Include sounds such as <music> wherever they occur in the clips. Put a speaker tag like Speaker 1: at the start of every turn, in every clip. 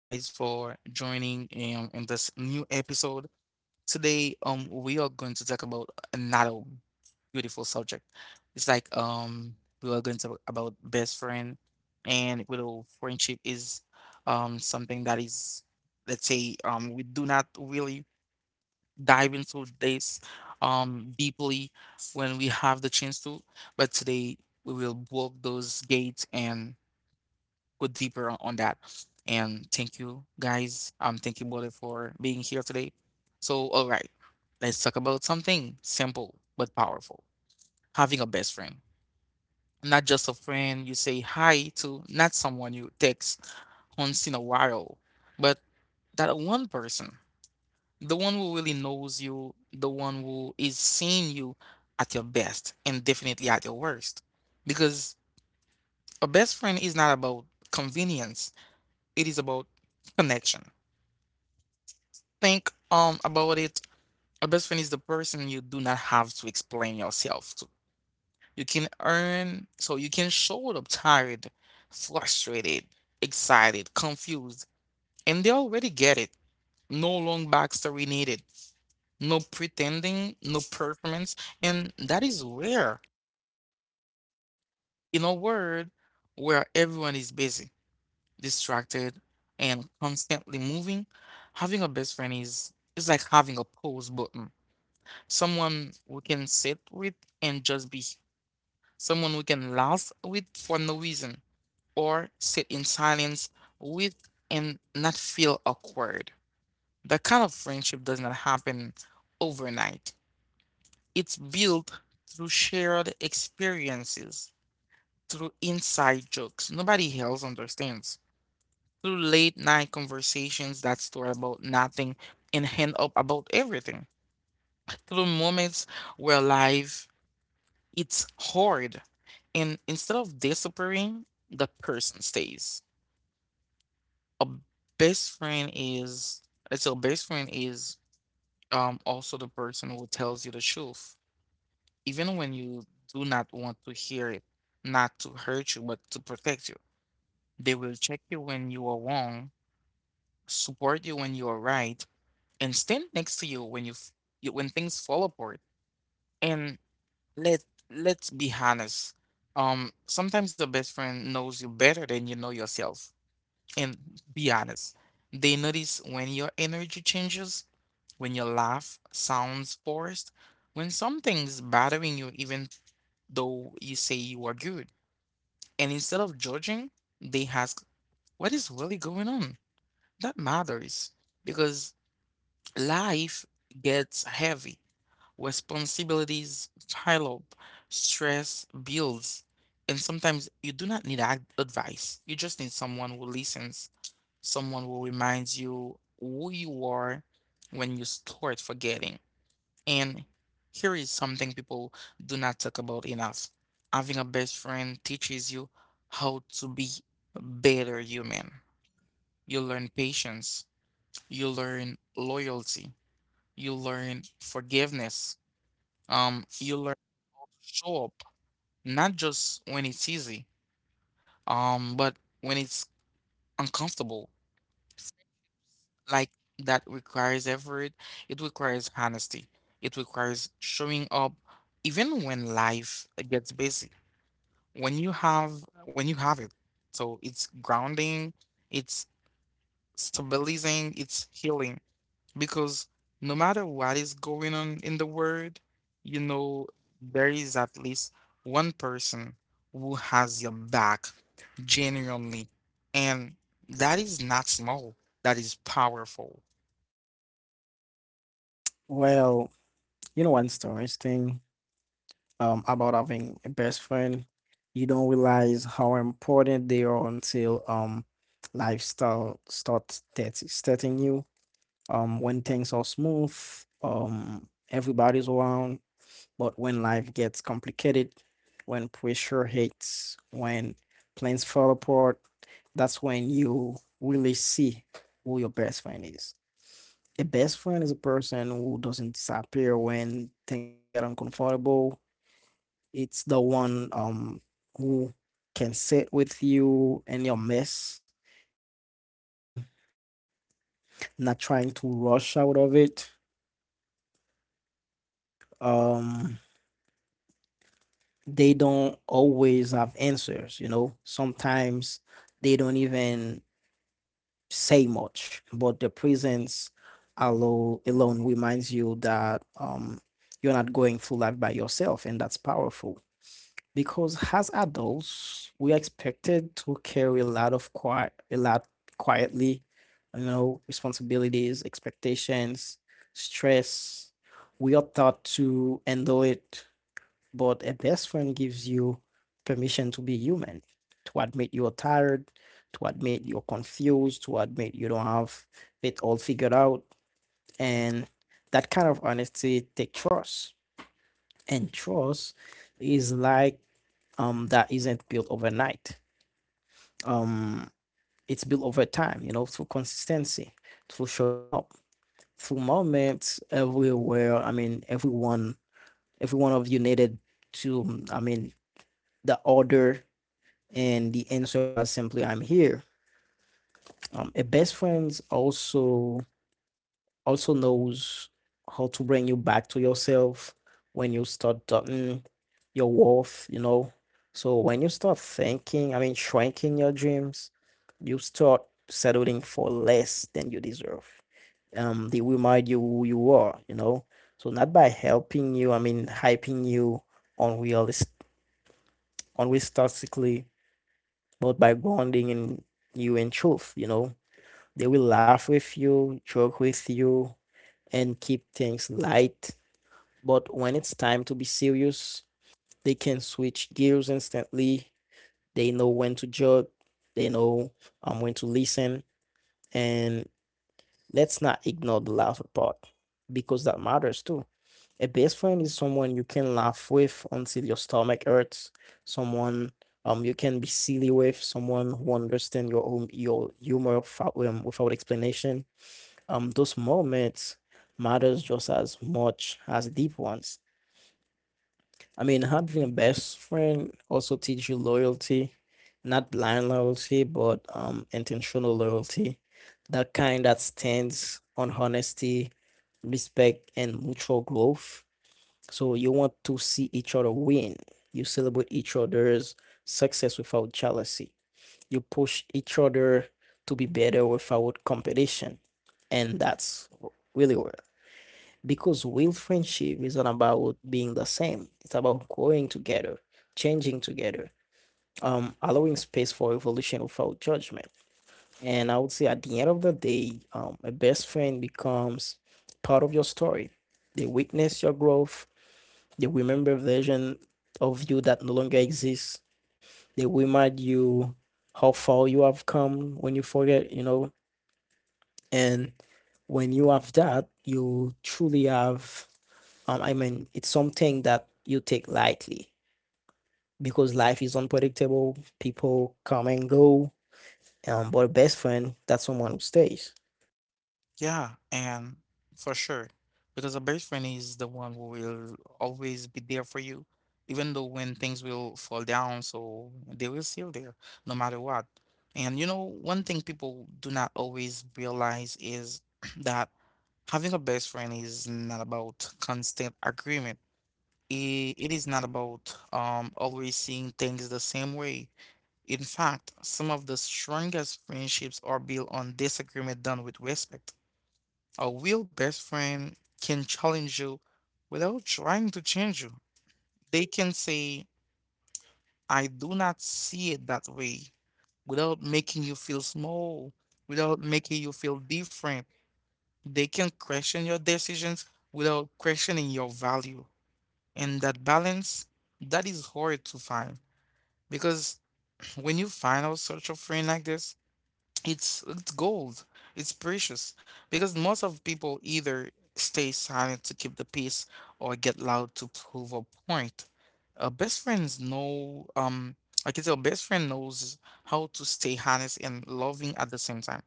Speaker 1: guys, for joining in this new episode. Today, we are going to talk about another beautiful subject. It's like We are going to talk about best friend, and you know, friendship is something that is, let's say, we do not really dive into this deeply when we have the chance to, but today we will walk those gates and go deeper on that. And thank you guys. Thank you, Bole, for being here today. So, all right, let's talk about something simple but powerful. Having a best friend. Not just a friend you say hi to, not someone you text once in a while, but that one person, the one who really knows you, the one who is seeing you at your best and definitely at your worst. Because a best friend is not about convenience, it is about connection. Think about it, a best friend is the person you do not have to explain yourself to. You can earn, so you can show up tired, frustrated, excited, confused, and they already get it. No long backstory needed, no pretending, no performance, and that is rare. In a world where everyone is busy, distracted, and constantly moving, having a best friend is like having a pause button, someone we can sit with and just be, someone we can laugh with for no reason, or sit in silence with and not feel awkward. That kind of friendship does not happen overnight. It's built through shared experiences, through inside jokes nobody else understands, through late night conversations that start about nothing and end up about everything, through moments where life it's hard. And instead of disappearing, the person stays. A best friend is, I tell best friend is also the person who tells you the truth, even when you do not want to hear it, not to hurt you, but to protect you. They will check you when you are wrong, support you when you are right, and stand next to you you when things fall apart. And Let let's be honest. Sometimes your best friend knows you better than you know yourself. And be honest, they notice when your energy changes, when your laugh sounds forced, when something's bothering you, even though you say you are good. And instead of judging, they ask, "What is really going on?" That matters because life gets heavy. Responsibilities pile up, stress builds, and sometimes you do not need advice. You just need someone who listens, someone who reminds you who you are when you start forgetting. And here is something people do not talk about enough. Having a best friend teaches you how to be a better human. You learn patience, you learn loyalty, you learn forgiveness, you learn show up not just when it's easy but when it's uncomfortable, like that requires effort, it requires honesty, it requires showing up even when life gets busy, when you have when you have it. So it's grounding, it's stabilizing, it's healing, because no matter what is going on in the world, you know, there is at least one person who has your back genuinely. And that is not small, that is powerful.
Speaker 2: Well, you know what's interesting about having a best friend? You don't realize how important they are until lifestyle starts that starting you. When things are smooth, everybody's around. But when life gets complicated, when pressure hits, when plans fall apart, that's when you really see who your best friend is. A best friend is a person who doesn't disappear when things get uncomfortable. It's the one who can sit with you and your mess and not trying to rush out of it. Um, they don't always have answers. You know. Sometimes they don't even say much, but their presence alone reminds you that you're not going through life by yourself, and that's powerful. Because as adults, we are expected to carry a lot of quiet, a lot quietly, you know, responsibilities, expectations, stress. We are taught to endure it, but a best friend gives you permission to be human, to admit you're tired, to admit you're confused, to admit you don't have it all figured out. And that kind of honesty take trust. And trust is like that isn't built overnight. Um, it's built over time, you know, through consistency, through showing up, through moments everywhere. I mean, everyone, every one of you needed to, I mean, the order and the answer was simply, I'm here. A best friends also knows how to bring you back to yourself when you start doubting your worth, you know. So when you start thinking, I mean, shrinking your dreams, you start settling for less than you deserve. They remind you who you are, you know. So not by helping you, I mean, hyping you unrealistic, unrealistically, but by grounding in you in truth, you know. They will laugh with you, joke with you, and keep things light. But when it's time to be serious, they can switch gears instantly. They know when to joke, they know when to listen. And let's not ignore the laughter part because that matters too. A best friend is someone you can laugh with until your stomach hurts, someone you can be silly with, someone who understands your own your humor without explanation those moments matters just as much as deep ones. I mean, having a best friend also teach you loyalty, not blind loyalty, but intentional loyalty, that kind that stands on honesty, respect, and mutual growth. So you want to see each other win. You celebrate each other's success without jealousy. You push each other to be better without competition, and that's really where because real friendship is not about being the same. It's about growing together, changing together, allowing space for evolution without judgment. And I would say at the end of the day, a best friend becomes part of your story. They witness your growth. They remember a version of you that no longer exists. They remind you how far you have come when you forget, you know. And when you have that, you truly have I mean, it's something that you take lightly because life is unpredictable. People come and go. But a best friend, that's someone who stays.
Speaker 1: Yeah, and for sure, because a best friend is the one who will always be there for you, even though when things will fall down, so they will still there no matter what. And you know, one thing people do not always realize is <clears throat> that having a best friend is not about constant agreement. It is not about always seeing things the same way. In fact, some of the strongest friendships are built on disagreement done with respect. A real best friend can challenge you without trying to change you. They can say, I do not see it that way, without making you feel small, without making you feel different. They can question your decisions without questioning your value. And that balance, that is hard to find. Because <clears throat> when you find out such a friend like this, it's gold, it's precious, because most of people either stay silent to keep the peace or get loud to prove a point. A best friends know I can tell best friend knows how to stay honest and loving at the same time.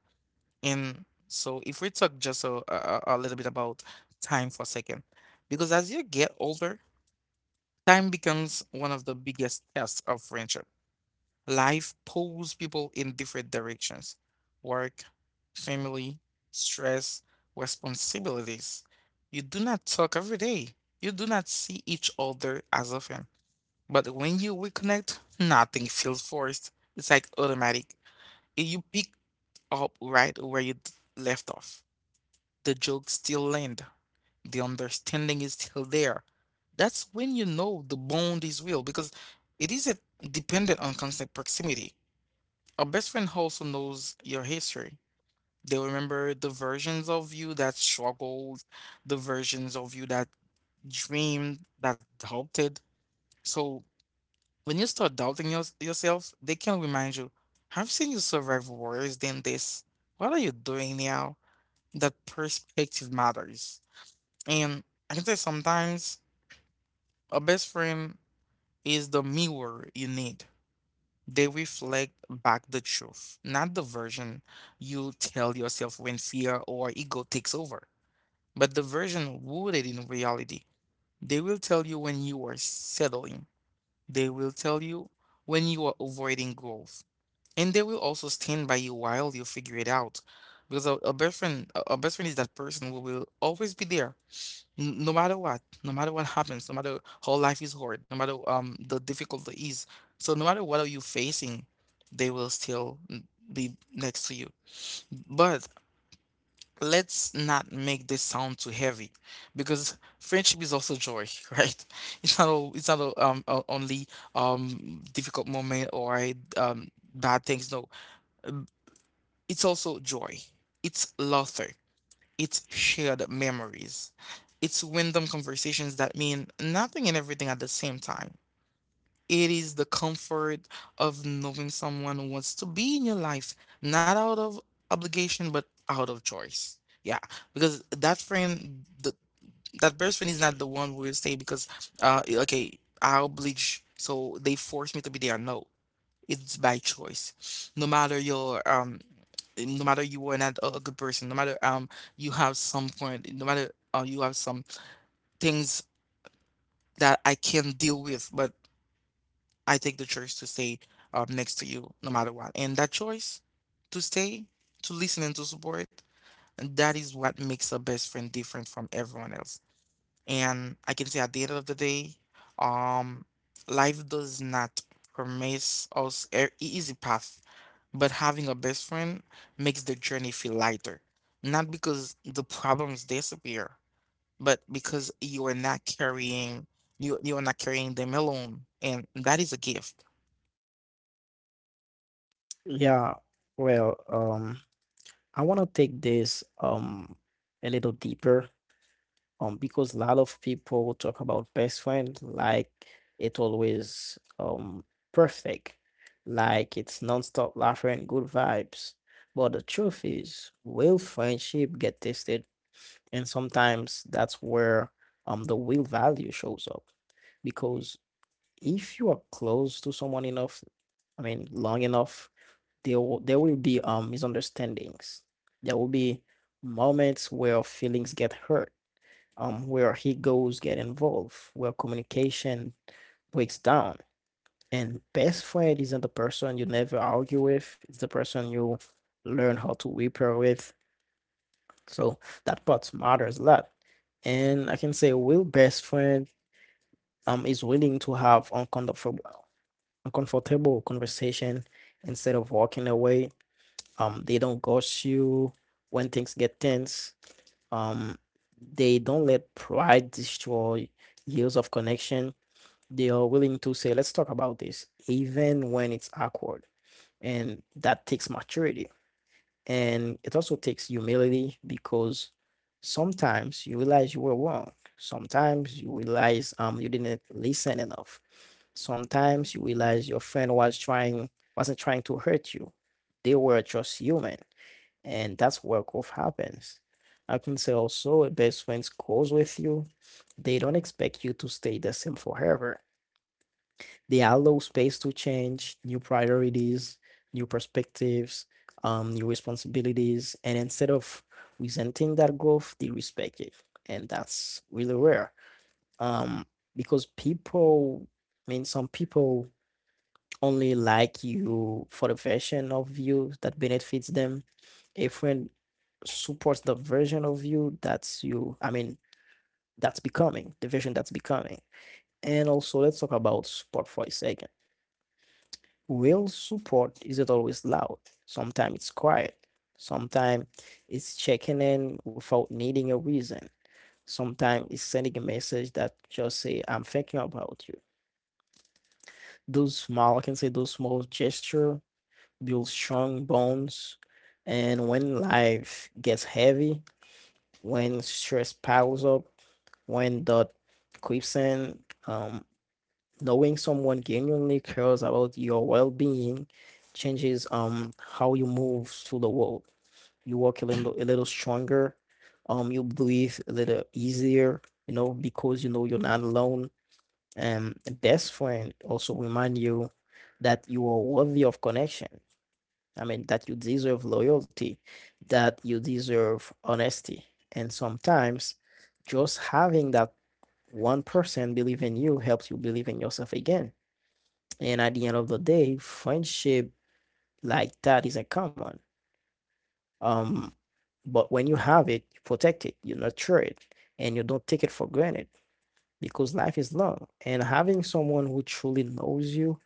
Speaker 1: And so if we talk just a little bit about time for a second, because as you get older, time becomes one of the biggest tests of friendship. Life pulls people in different directions: work, family, stress, responsibilities. You do not talk every day. You do not see each other as often. But when you reconnect, nothing feels forced. It's like automatic. You pick up right where you left off. The jokes still land, the understanding is still there. That's when you know the bond is real, because it isn't dependent on constant proximity. A best friend also knows your history. They remember the versions of you that struggled, the versions of you that dreamed, that doubted. So when you start doubting yourself, they can remind you, I've seen you survive worse than this. What are you doing now? That perspective matters. And I can say sometimes a best friend is the mirror you need. They reflect back the truth, not the version you tell yourself when fear or ego takes over, but the version rooted in reality. They will tell you when you are settling. They will tell you when you are avoiding growth. And they will also stand by you while you figure it out. Because a best friend is that person who will always be there. No matter what, no matter what happens, no matter how life is hard, no matter the difficulty is. So no matter what are you facing, they will still be next to you. But let's not make this sound too heavy, because friendship is also joy, <laughs> right? It's not all, o- only difficult moment or um bad things. No, it's also joy. It's laughter. It's shared memories. It's random conversations that mean nothing and everything at the same time. It is the comfort of knowing someone who wants to be in your life, not out of obligation, but out of choice. Yeah, because that friend, that best friend is not the one who will say, because, okay, I oblige, so they force me to be there. No, it's by choice. No matter your no matter you are not a good person, no matter you have some point, no matter you have some things that I can deal with, but I take the choice to stay next to you no matter what. And that choice to stay, to listen and to support, and that is what makes a best friend different from everyone else. And I can say at the end of the day, um, life does not promise us an easy path, but having a best friend makes the journey feel lighter. Not because the problems disappear, but because you are not carrying them alone, and that is a gift.
Speaker 2: Yeah. Well, I want to take this a little deeper because a lot of people talk about best friend like it always perfect, like it's non-stop laughing good vibes, but the truth is real friendship get tested, and sometimes that's where the real value shows up. Because if you are close to someone enough, I mean long enough, there will be misunderstandings, there will be moments where feelings get hurt, where he goes get involved, where communication breaks down. And best friend isn't the person you never argue with; it's the person you learn how to repair with. So that part matters a lot. And I can say a real best friend is willing to have uncomfortable conversation instead of walking away. They don't ghost you when things get tense. Um, they don't let pride destroy years of connection. They are willing to say, let's talk about this, even when it's awkward. And that takes maturity. And it also takes humility because sometimes you realize you were wrong. Sometimes you realize you didn't listen enough. Sometimes you realize your friend was trying wasn't trying to hurt you. They were just human. And that's where growth happens. I can say also a best friend grows with you. They don't expect you to stay the same forever. They allow space to change, new priorities, new perspectives, new responsibilities. And instead of resenting that growth, they respect it. And that's really rare. Um, because people, I mean, some people only like you for the version of you that benefits them. A friend supports the version of you that's you, I mean, that's becoming, the version that's becoming. And also, let's talk about support for a second. Real support isn't always loud. Sometimes it's quiet. Sometimes it's checking in without needing a reason. Sometimes it's sending a message that just say, I'm thinking about you. Those small, I can say those small gesture build strong bonds. And when life gets heavy, when stress piles up, when the creeps in, um, knowing someone genuinely cares about your well-being changes how you move through the world. You walk a little stronger, you breathe a little easier, you know, because you know you're not alone. And a best friend also remind you that you are worthy of connection. I mean, that you deserve loyalty, that you deserve honesty. And sometimes just having that one person believe in you helps you believe in yourself again. And at the end of the day, friendship like that isn't common. Um, but when you have it, you protect it, you nurture it, and you don't take it for granted because life is long. And having someone who truly knows you,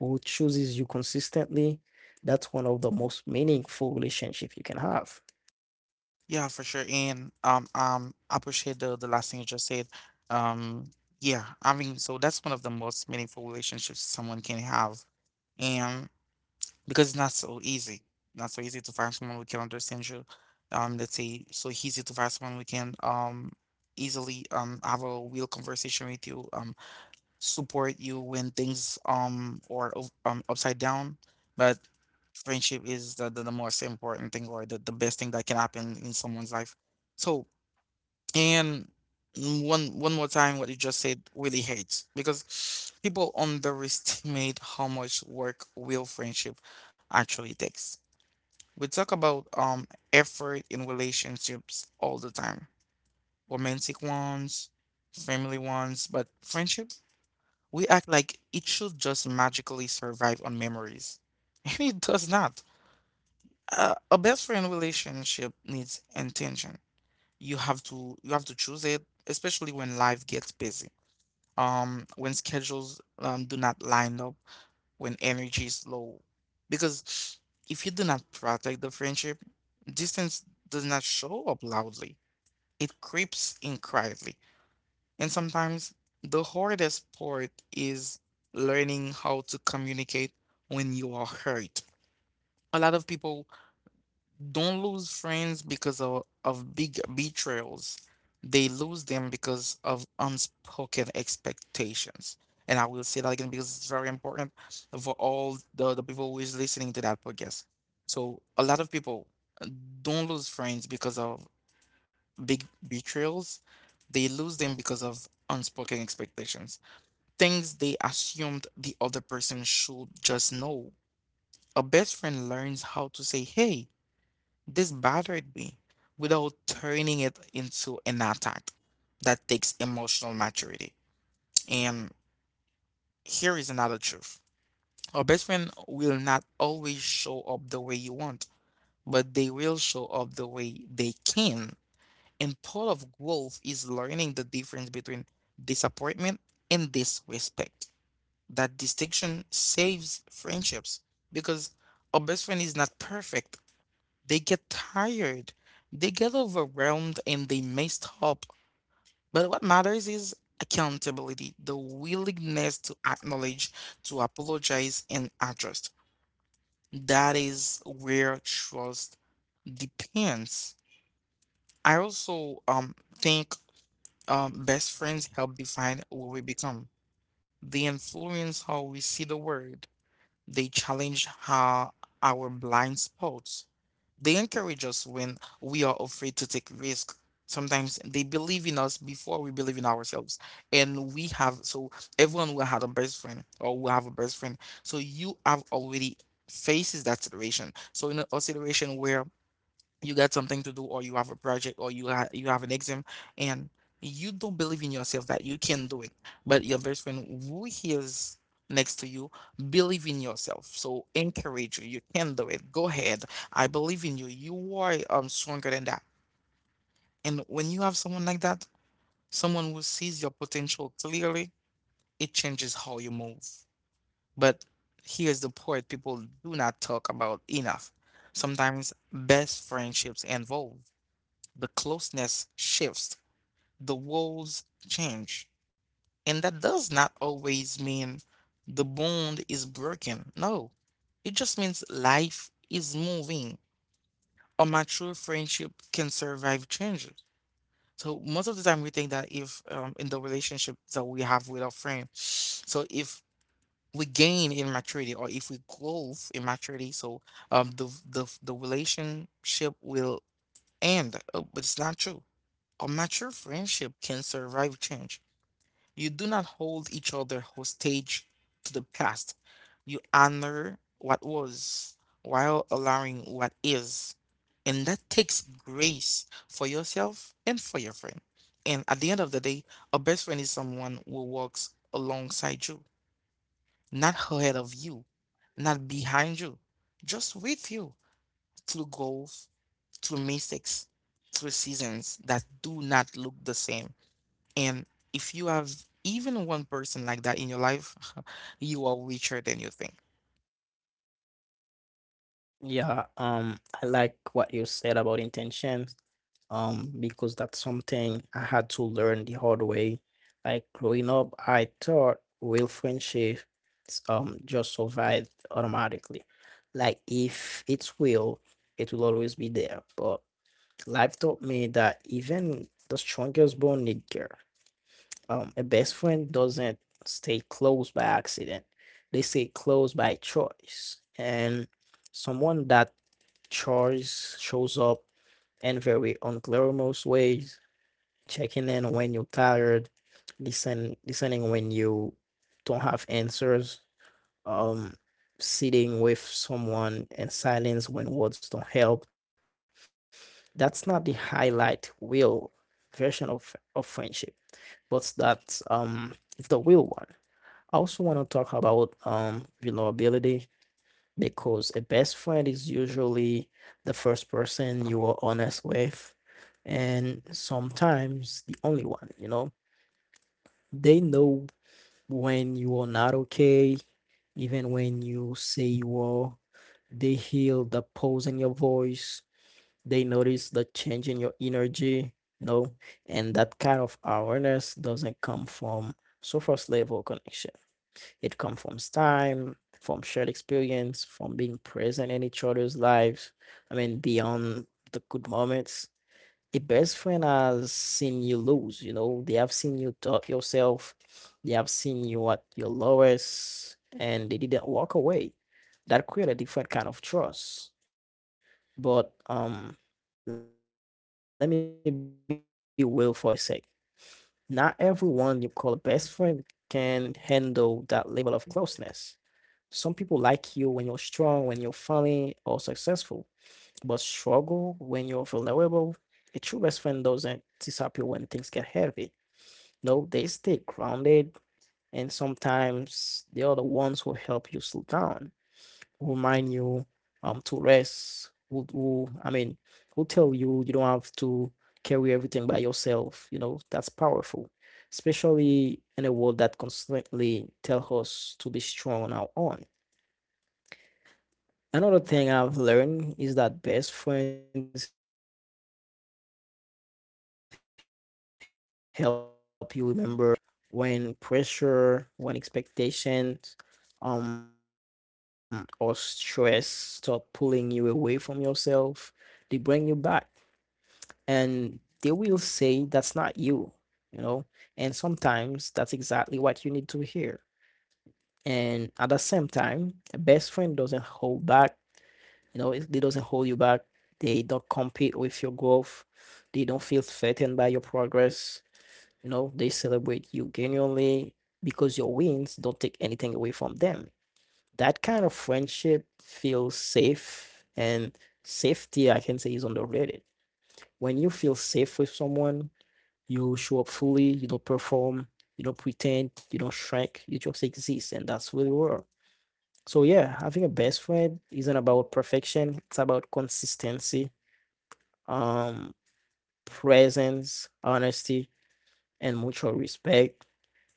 Speaker 2: who chooses you consistently, that's one of the most meaningful relationship you can have.
Speaker 1: Yeah, for sure. And I appreciate the last thing you just said. Um yeah, I mean, so that's one of the most meaningful relationships someone can have. And, because it's not so easy. Not so easy to find someone who can understand you. Let's say so easy to find someone who can easily have a real conversation with you, support you when things or upside down. But friendship is the most important thing or the best thing that can happen in someone's life. So and one more time, what you just said really hurts because people underestimate how much work real friendship actually takes. We talk about effort in relationships all the time, romantic ones, family ones, but friendship, we act like it should just magically survive on memories, <laughs> and it does not. A best friend relationship needs intention. You have to choose it, especially when life gets busy, when schedules do not line up, when energy is low, because if you do not protect the friendship, distance does not show up loudly, it creeps in quietly. And sometimes the hardest part is learning how to communicate when you are hurt. A lot of people don't lose friends because of big betrayals. They lose them because of unspoken expectations. And I will say that again because it's very important for all the people who is listening to that podcast. So a lot of people uh, don't lose friends because of big betrayals. They lose them because of unspoken expectations. Things they assumed the other person should just know. A best friend learns how to say, hey, this bothered me without turning it into an attack. That takes emotional maturity. And here is another truth. Our best friend will not always show up the way you want, but they will show up the way they can. And part of growth is learning the difference between disappointment and disrespect. That distinction saves friendships because our best friend is not perfect. They get tired, they get overwhelmed, and they may stop. But what matters is accountability, the willingness to acknowledge, to apologize, and adjust. That is where trust depends. I also think best friends help define what we become. They influence how we see the world. They challenge how our blind spots. They encourage us when we are afraid to take risk. Sometimes they believe in us before we believe in ourselves. And we have, so everyone will have a best friend or will have a best friend. So you have already faces that situation. So in a situation where you got something to do or you have a project or you you have an exam and you don't believe in yourself that you can do it, but your best friend who is next to you believe in yourself, so encourage you, you can do it, go ahead, I believe in you, you are stronger than that. And when you have someone like that, someone who sees your potential clearly, it changes how you move. But here's the part people do not talk about enough. Sometimes best friendships involve the closeness shifts, the walls change. And that does not always mean the bond is broken. No, it just means life is moving. A mature friendship can survive changes. So most of the time, we think that if in the relationship that we have with our friend, so if we gain in maturity or if we grow in maturity, so the relationship will end, but it's not true. A mature friendship can survive change. You do not hold each other hostage to the past. You honor what was while allowing what is. And that takes grace for yourself and for your friend. And at the end of the day, a best friend is someone who walks alongside you, not ahead of you, not behind you, just with you through growth, through mistakes, through seasons that do not look the same. And if you have even one person like that in your life, <laughs> you are richer than you think.
Speaker 2: Yeah, I like what you said about intention because that's something I had to learn the hard way. Like growing up, I thought real friendships just survived automatically. Like if it's real, it will always be there. But life taught me that even the strongest bond need care. A best friend doesn't stay close by accident. They stay close by choice. And someone that choice shows up in very unglamorous ways, checking in when you're tired, listening when you don't have answers, um, sitting with someone in silence when words don't help. That's not the highlight wheel version of friendship, but that's it's the real one. I also want to talk about vulnerability because a best friend is usually the first person you are honest with, and sometimes the only one, you know. They know when you are not okay, even when you say you are. They hear the pose in your voice. They notice the change in your energy, you know, and that kind of awareness doesn't come from surface level connection. It comes from time, from shared experience, from being present in each other's lives. I mean, beyond the good moments the best friend has seen you lose, you know, they have seen you doubt yourself, they have seen you at your lowest, and they didn't walk away. That create a different kind of trust. But let me be real for a sec. Not everyone you call a best friend can handle that level of closeness. Some people like you when you're strong, when you're funny or successful. But struggle when you're vulnerable, a true best friend doesn't disappear when things get heavy. No, they stay grounded, and sometimes they are the ones who help you slow down, who remind you to rest, who I mean, who tell you you don't have to carry everything by yourself. You know, that's powerful, especially in a world that constantly tells us to be strong on our own. Another thing I've learned is that best friends help you remember who you are when life tries to redefine you, when pressure, when expectations, or stress start pulling you away from yourself. They bring you back, and they will say that's not you, you know. And sometimes that's exactly what you need to hear. And at the same time, a best friend doesn't hold back, you know, it- they doesn't hold you back. They don't compete with your growth. They don't feel threatened by your progress. You know, they celebrate you genuinely because your wins don't take anything away from them. That kind of friendship feels safe, and safety, I can say, is underrated. When you feel safe with someone, you show up fully, you don't perform, you don't pretend, you don't shrink, you just exist, and that's really rare. So yeah, having a best friend isn't about perfection, it's about consistency, um, presence, honesty, and mutual respect.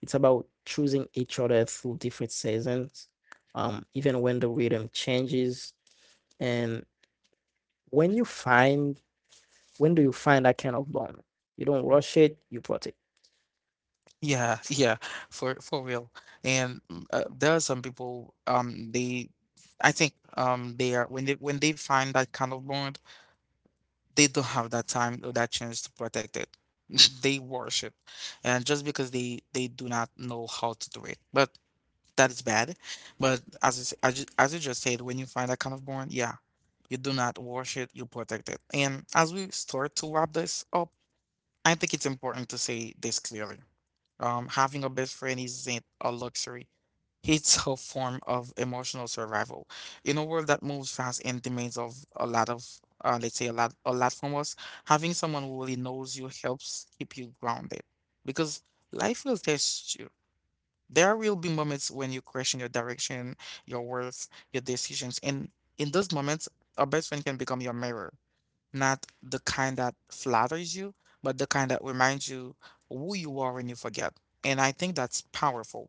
Speaker 2: It's about choosing each other through different seasons, even when the rhythm changes. And when you find, when do you find that kind of bond? You don't rush it, you protect.
Speaker 1: Yeah, yeah, for real. And there are some people, they, I think, they are when they find that kind of bond, they don't have that time or that chance to protect it. <laughs> They worship, and just because they do not know how to do it, but that is bad. But as I, s- I ju- as you just said, when you find that kind of bond, yeah, you do not wash it, you protect it. And as we start to wrap this up, I think it's important to say this clearly. Having a best friend isn't a luxury. It's a form of emotional survival. In a world that moves fast and demands of a lot of, let's say a lot from us, having someone who really knows you helps keep you grounded. Because life will test you. There will be moments when you question your direction, your worth, your decisions, and in those moments, a best friend can become your mirror, not the kind that flatters you, but the kind that reminds you who you are when you forget. And I think that's powerful.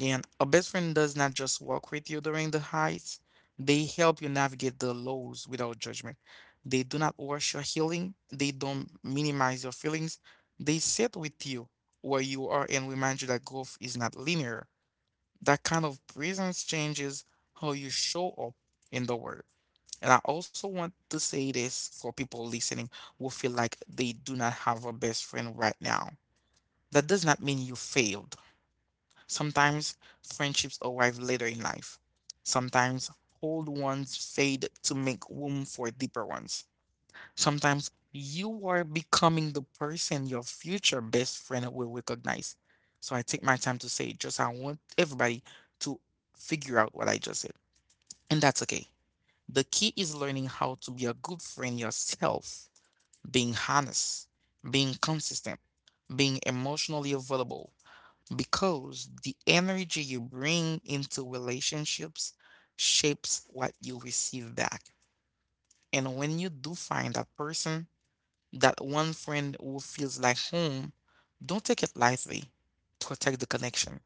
Speaker 1: And a best friend does not just walk with you during the highs, they help you navigate the lows without judgment. They do not rush your healing, they don't minimize your feelings. They sit with you where you are and remind you that growth is not linear. That kind of presence changes how you show up in the world. And I also want to say this for people listening who feel like they do not have a best friend right now. That does not mean you failed. Sometimes friendships arrive later in life. Sometimes old ones fade to make room for deeper ones. Sometimes you are becoming the person your future best friend will recognize. So I take my time to say it, just I want everybody to figure out what I just said. And that's okay. The key is learning how to be a good friend yourself, being honest, being consistent, being emotionally available, because the energy you bring into relationships shapes what you receive back. And when you do find that person, that one friend who feels like home, don't take it lightly. Protect the connection.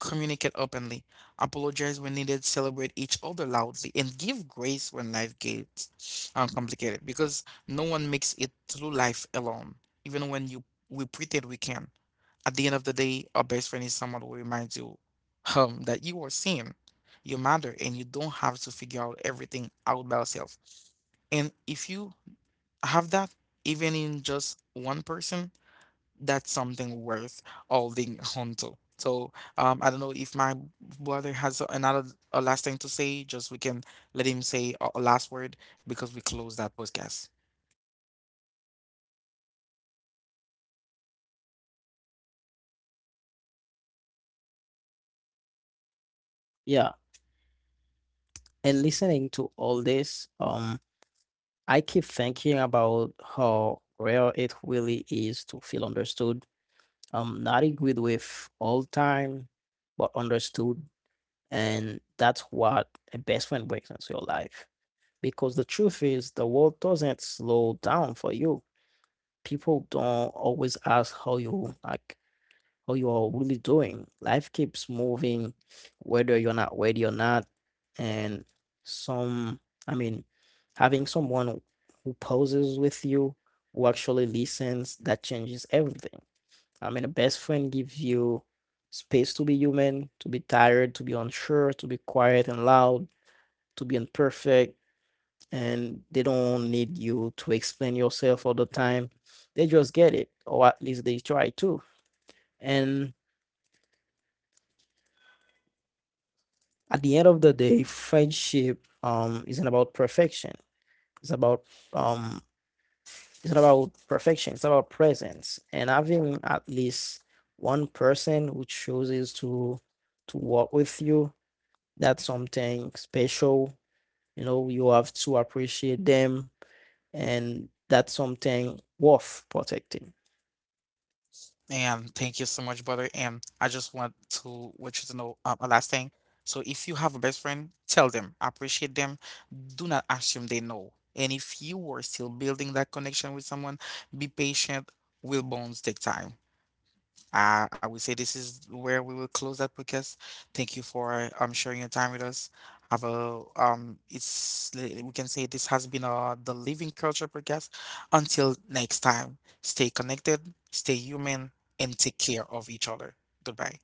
Speaker 1: Communicate openly. Apologize when needed. Celebrate each other loudly. And give grace when life gets uncomplicated. Because no one makes it through life alone. Even when you we pretend we can. At the end of the day, our best friend is someone who reminds you that you are seen. You matter and you don't have to figure out everything out by yourself. And if you have that, even in just one person, that's something worth holding on to. So I don't know if my brother has another a last thing to say, just we can let him say a last word because we close that podcast.
Speaker 2: Yeah. And listening to all this, I keep thinking about how rare it really is to feel understood, not agreed with all time, but understood. And that's what a best friend brings into your life. Because the truth is, the world doesn't slow down for you. People don't always ask how you like how you are really doing. Life keeps moving, whether you're not ready or not. And some, I mean, having someone who poses with you, who actually listens, that changes everything. I mean, a best friend gives you space to be human, to be tired, to be unsure, to be quiet and loud, to be imperfect. And they don't need you to explain yourself all the time. They just get it, or at least they try to. And at the end of the day, friendship isn't about perfection. It's about um it's not about perfection, it's about presence. And having at least one person who chooses to walk with you, that's something special. You know, you have to appreciate them, and that's something worth protecting.
Speaker 1: And thank you so much, brother. And I just want to want you to know a last thing. So if you have a best friend, tell them, appreciate them. Do not assume they know. And if you are still building that connection with someone, be patient. Will bonds take time? I would say this is where we will close that podcast. Thank you for sharing your time with us. Have a we can say this has been the Living Culture podcast. Until next time, stay connected, stay human, and take care of each other. Goodbye.